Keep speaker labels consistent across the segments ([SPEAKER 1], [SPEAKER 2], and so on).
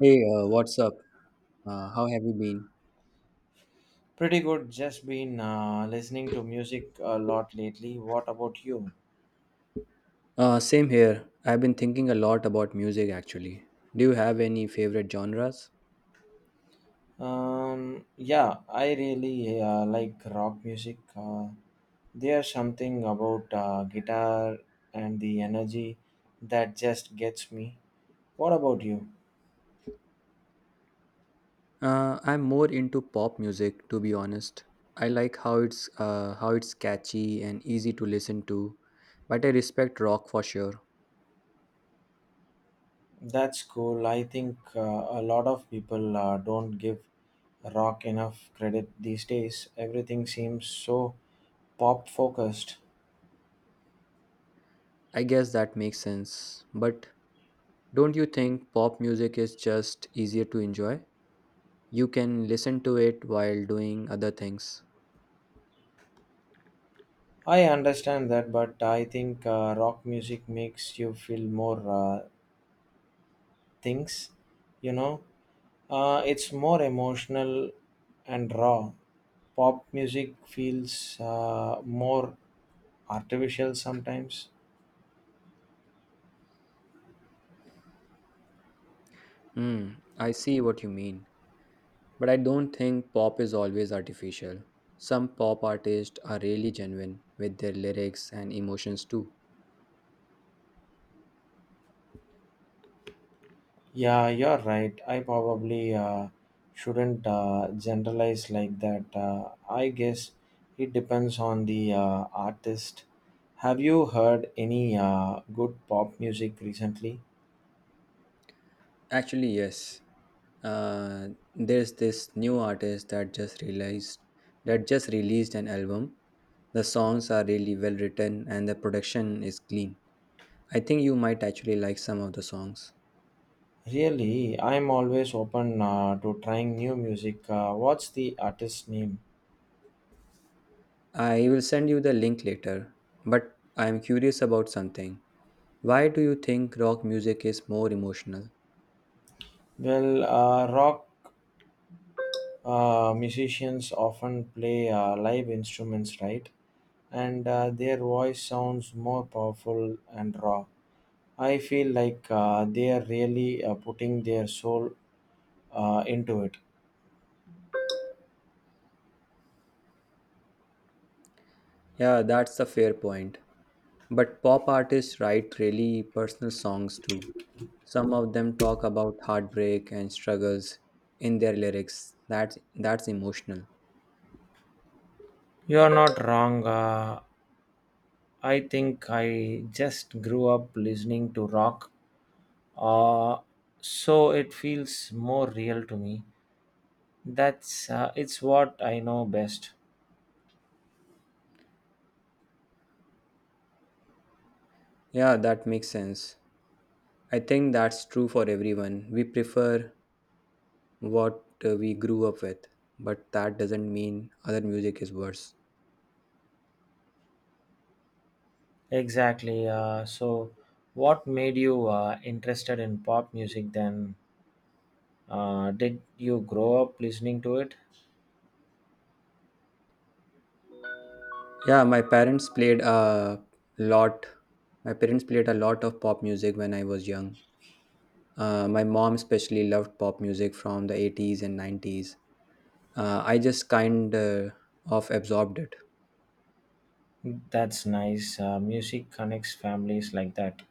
[SPEAKER 1] Hey, what's up? How have you been?
[SPEAKER 2] Pretty good. Just been listening to music a lot lately. What about you?
[SPEAKER 1] Same here. I've been thinking a lot about music actually. Do you have any favorite genres?
[SPEAKER 2] Yeah, I really like rock music. There's something about guitar and the energy that just gets me. What about you?
[SPEAKER 1] I'm more into pop music to be honest. I like how it's catchy and easy to listen to, but I respect rock for sure.
[SPEAKER 2] That's cool. I think a lot of people don't give rock enough credit these days. Everything seems so pop focused.
[SPEAKER 1] I guess that makes sense. But don't you think pop music is just easier to enjoy? You can listen to it while doing other things.
[SPEAKER 2] I understand that, but I think rock music makes you feel more things, you know. It's more emotional and raw. Pop music feels more artificial sometimes.
[SPEAKER 1] Hmm, I see what you mean. But I don't think pop is always artificial. Some pop artists are really genuine with their lyrics and emotions too.
[SPEAKER 2] Yeah, you're right. I probably shouldn't generalize like that. I guess it depends on the artist. Have you heard any good pop music recently?
[SPEAKER 1] Actually, yes. Uh, there's this new artist that just released an album. The songs are really well written and the production is clean. I think you might actually like some of the songs.
[SPEAKER 2] Really, I'm always open to trying new music. What's the artist's name?
[SPEAKER 1] I will send you the link later, but I am curious about something. Why do you think rock music is more emotional?
[SPEAKER 2] Well, rock musicians often play live instruments, right? And their voice sounds more powerful and raw. I feel like they are really putting their soul into it.
[SPEAKER 1] Yeah, that's a fair point. But pop artists write really personal songs too. Some of them talk about heartbreak and struggles in their lyrics. That's emotional.
[SPEAKER 2] You are not wrong. I think I just grew up listening to rock, uh, so it feels more real to me. That's it's what I know best.
[SPEAKER 1] Yeah, that makes sense. I think that's true for everyone. We prefer what we grew up with, but that doesn't mean other music is worse.
[SPEAKER 2] Exactly. So, what made you interested in pop music then? Did you grow up listening to it?
[SPEAKER 1] Yeah, lot. My parents played a lot of pop music when I was young. My mom especially loved pop music from the 80s and 90s. I just kind of absorbed it.
[SPEAKER 2] That's nice. Music connects families like that.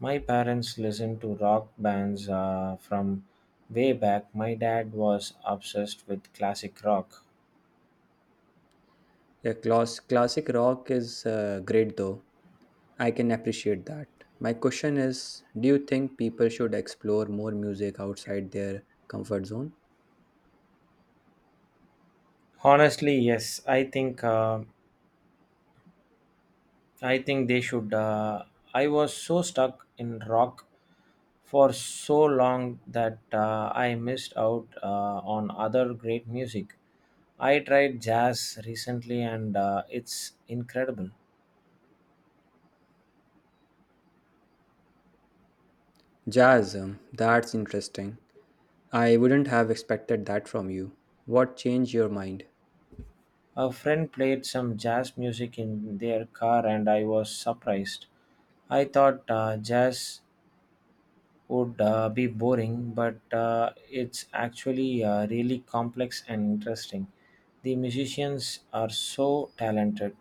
[SPEAKER 2] My parents listened to rock bands from way back. My dad was obsessed with classic rock.
[SPEAKER 1] Yeah, classic rock is great though. I can appreciate that. My question is, do you think people should explore more music outside their comfort zone?
[SPEAKER 2] Honestly, yes. I think they should. I was so stuck in rock for so long that I missed out on other great music. I tried jazz recently, and it's incredible.
[SPEAKER 1] Jazz, that's interesting. I wouldn't have expected that from you. What changed your mind?
[SPEAKER 2] A friend played some jazz music in their car, and I was surprised. I thought jazz would be boring, but it's actually really complex and interesting. The musicians are so talented.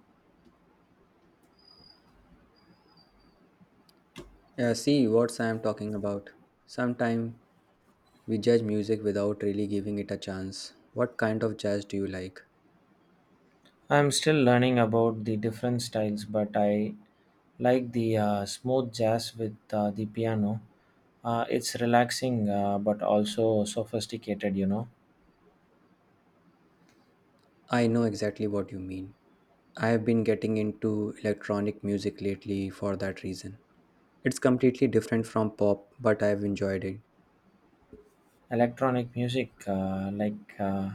[SPEAKER 1] Yeah, see what I'm talking about. Sometimes we judge music without really giving it a chance. What kind of jazz do you like?
[SPEAKER 2] I'm still learning about the different styles, but I like the smooth jazz with the piano. It's relaxing but also sophisticated, you know.
[SPEAKER 1] I know exactly what you mean. I have been getting into electronic music lately for that reason. It's completely different from pop, but I've enjoyed it.
[SPEAKER 2] Electronic music like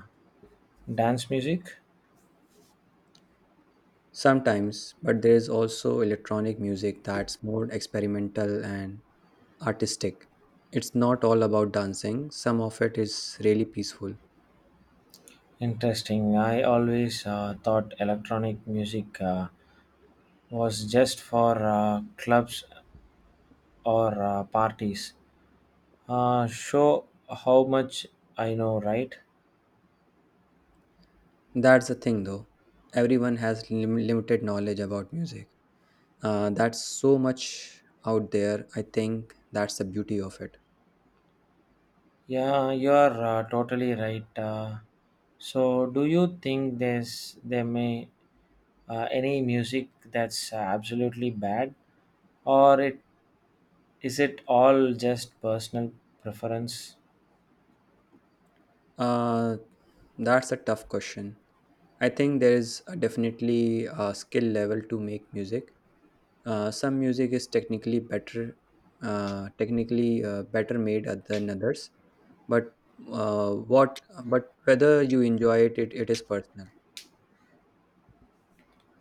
[SPEAKER 2] dance music?
[SPEAKER 1] Sometimes, but there is also electronic music that's more experimental and artistic. It's not all about dancing, some of it is really peaceful.
[SPEAKER 2] Interesting. I always thought electronic music was just for clubs or parties. Show how much I know, right?
[SPEAKER 1] That's the thing though. Everyone has limited knowledge about music. That's so much out there. I think that's the beauty of it.
[SPEAKER 2] Yeah, you are totally right. So, do you think there may any music that's absolutely bad, or it is it all just personal preference?
[SPEAKER 1] Uh, that's a tough question. I think there is a definitely a skill level to make music. Some music is technically better made at than others. But what? But whether you enjoy it is personal.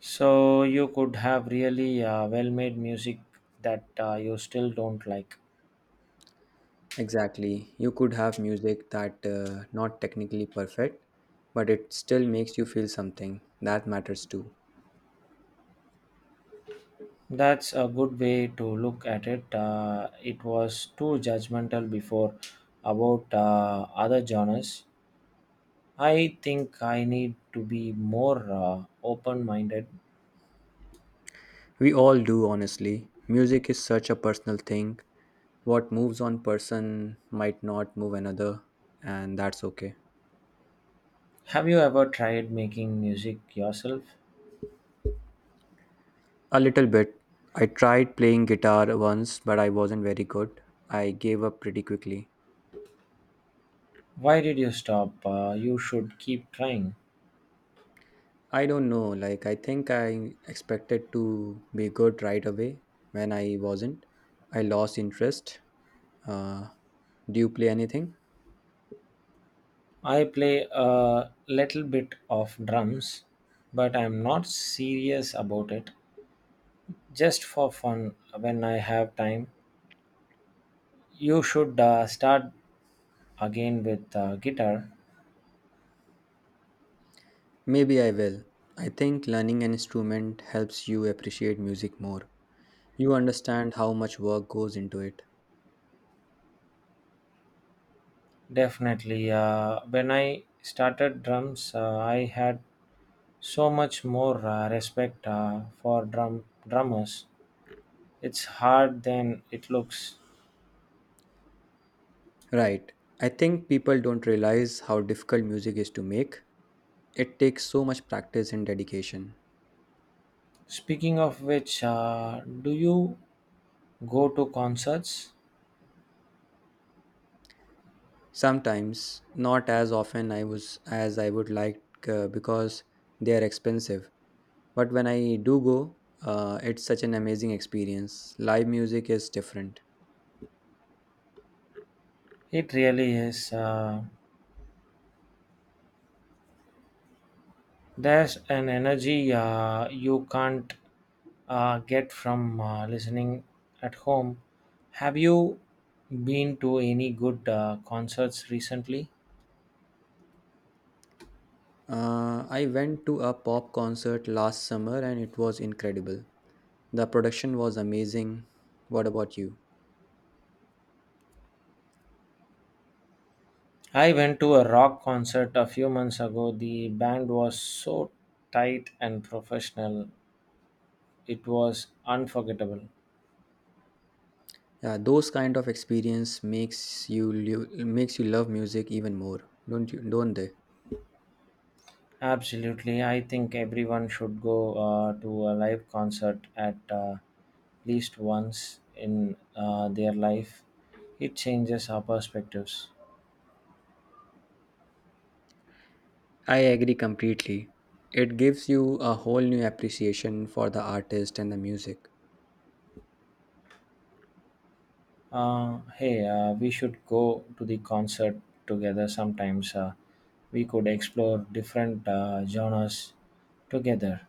[SPEAKER 2] So you could have really well made music that you still don't like.
[SPEAKER 1] Exactly. You could have music that not technically perfect, but it still makes you feel something. That matters too.
[SPEAKER 2] That's a good way to look at it. It was too judgmental before about other genres. I think I need to be more open minded.
[SPEAKER 1] We all do, honestly. Music is such a personal thing. What moves one person might not move another, and that's okay.
[SPEAKER 2] Have you ever tried making music yourself?
[SPEAKER 1] A little bit. I tried playing guitar once, but I wasn't very good. I gave up pretty quickly.
[SPEAKER 2] Why did you stop? You should keep trying.
[SPEAKER 1] I don't know, like I think I expected to be good right away. When I wasn't, I lost interest. uh, do you play anything?
[SPEAKER 2] I play a little bit of drums, but I'm not serious about it. Just for fun, when I have time, you should start again with guitar.
[SPEAKER 1] Maybe I will. I think learning an instrument helps you appreciate music more. You understand how much work goes into it.
[SPEAKER 2] Definitely. When I started drums, I had so much more respect for drummers. It's hard than it looks.
[SPEAKER 1] Right. I think people don't realize how difficult music is to make. It takes so much practice and dedication.
[SPEAKER 2] Speaking of which, do you go to concerts?
[SPEAKER 1] Sometimes, not as often I was as I would like, because they are expensive. But when I do go, it's such an amazing experience. Live music is different.
[SPEAKER 2] It really is. There's an energy you can't get from listening at home. Have you been to any good concerts recently?
[SPEAKER 1] I went to a pop concert last summer and it was incredible. The production was amazing. What about you?
[SPEAKER 2] I went to a rock concert a few months ago. The band was so tight and professional, it was unforgettable.
[SPEAKER 1] Yeah, those kind of experience makes you love music even more, don't you? Don't they?
[SPEAKER 2] Absolutely. I think everyone should go to a live concert at least once in their life. It changes our perspectives.
[SPEAKER 1] I agree completely. It gives you a whole new appreciation for the artist and the music.
[SPEAKER 2] Hey, we should go to the concert together sometimes. We could explore different genres together.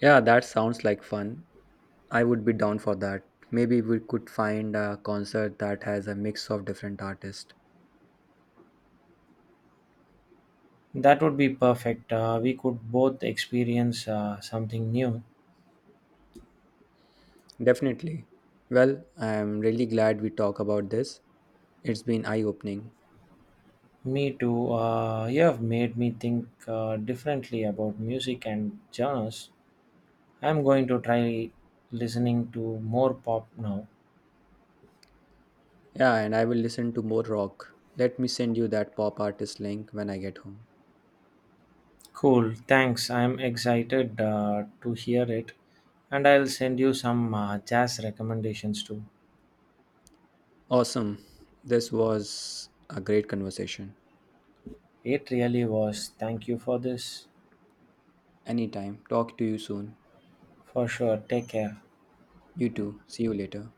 [SPEAKER 1] Yeah, that sounds like fun. I would be down for that. Maybe we could find a concert that has a mix of different artists.
[SPEAKER 2] That would be perfect. We could both experience something new.
[SPEAKER 1] Definitely. Well, I'm really glad we talk about this. It's been eye-opening.
[SPEAKER 2] Me too. You have made me think differently about music and genres. I'm going to try listening to more pop now.
[SPEAKER 1] Yeah, and I will listen to more rock. Let me send you that pop artist link when I get home.
[SPEAKER 2] Cool, thanks. I'm excited to hear it. And I'll send you some jazz recommendations too.
[SPEAKER 1] Awesome. This was a great conversation.
[SPEAKER 2] It really was. Thank you for this.
[SPEAKER 1] Anytime. Talk to you soon.
[SPEAKER 2] For sure. Take care.
[SPEAKER 1] You too. See you later.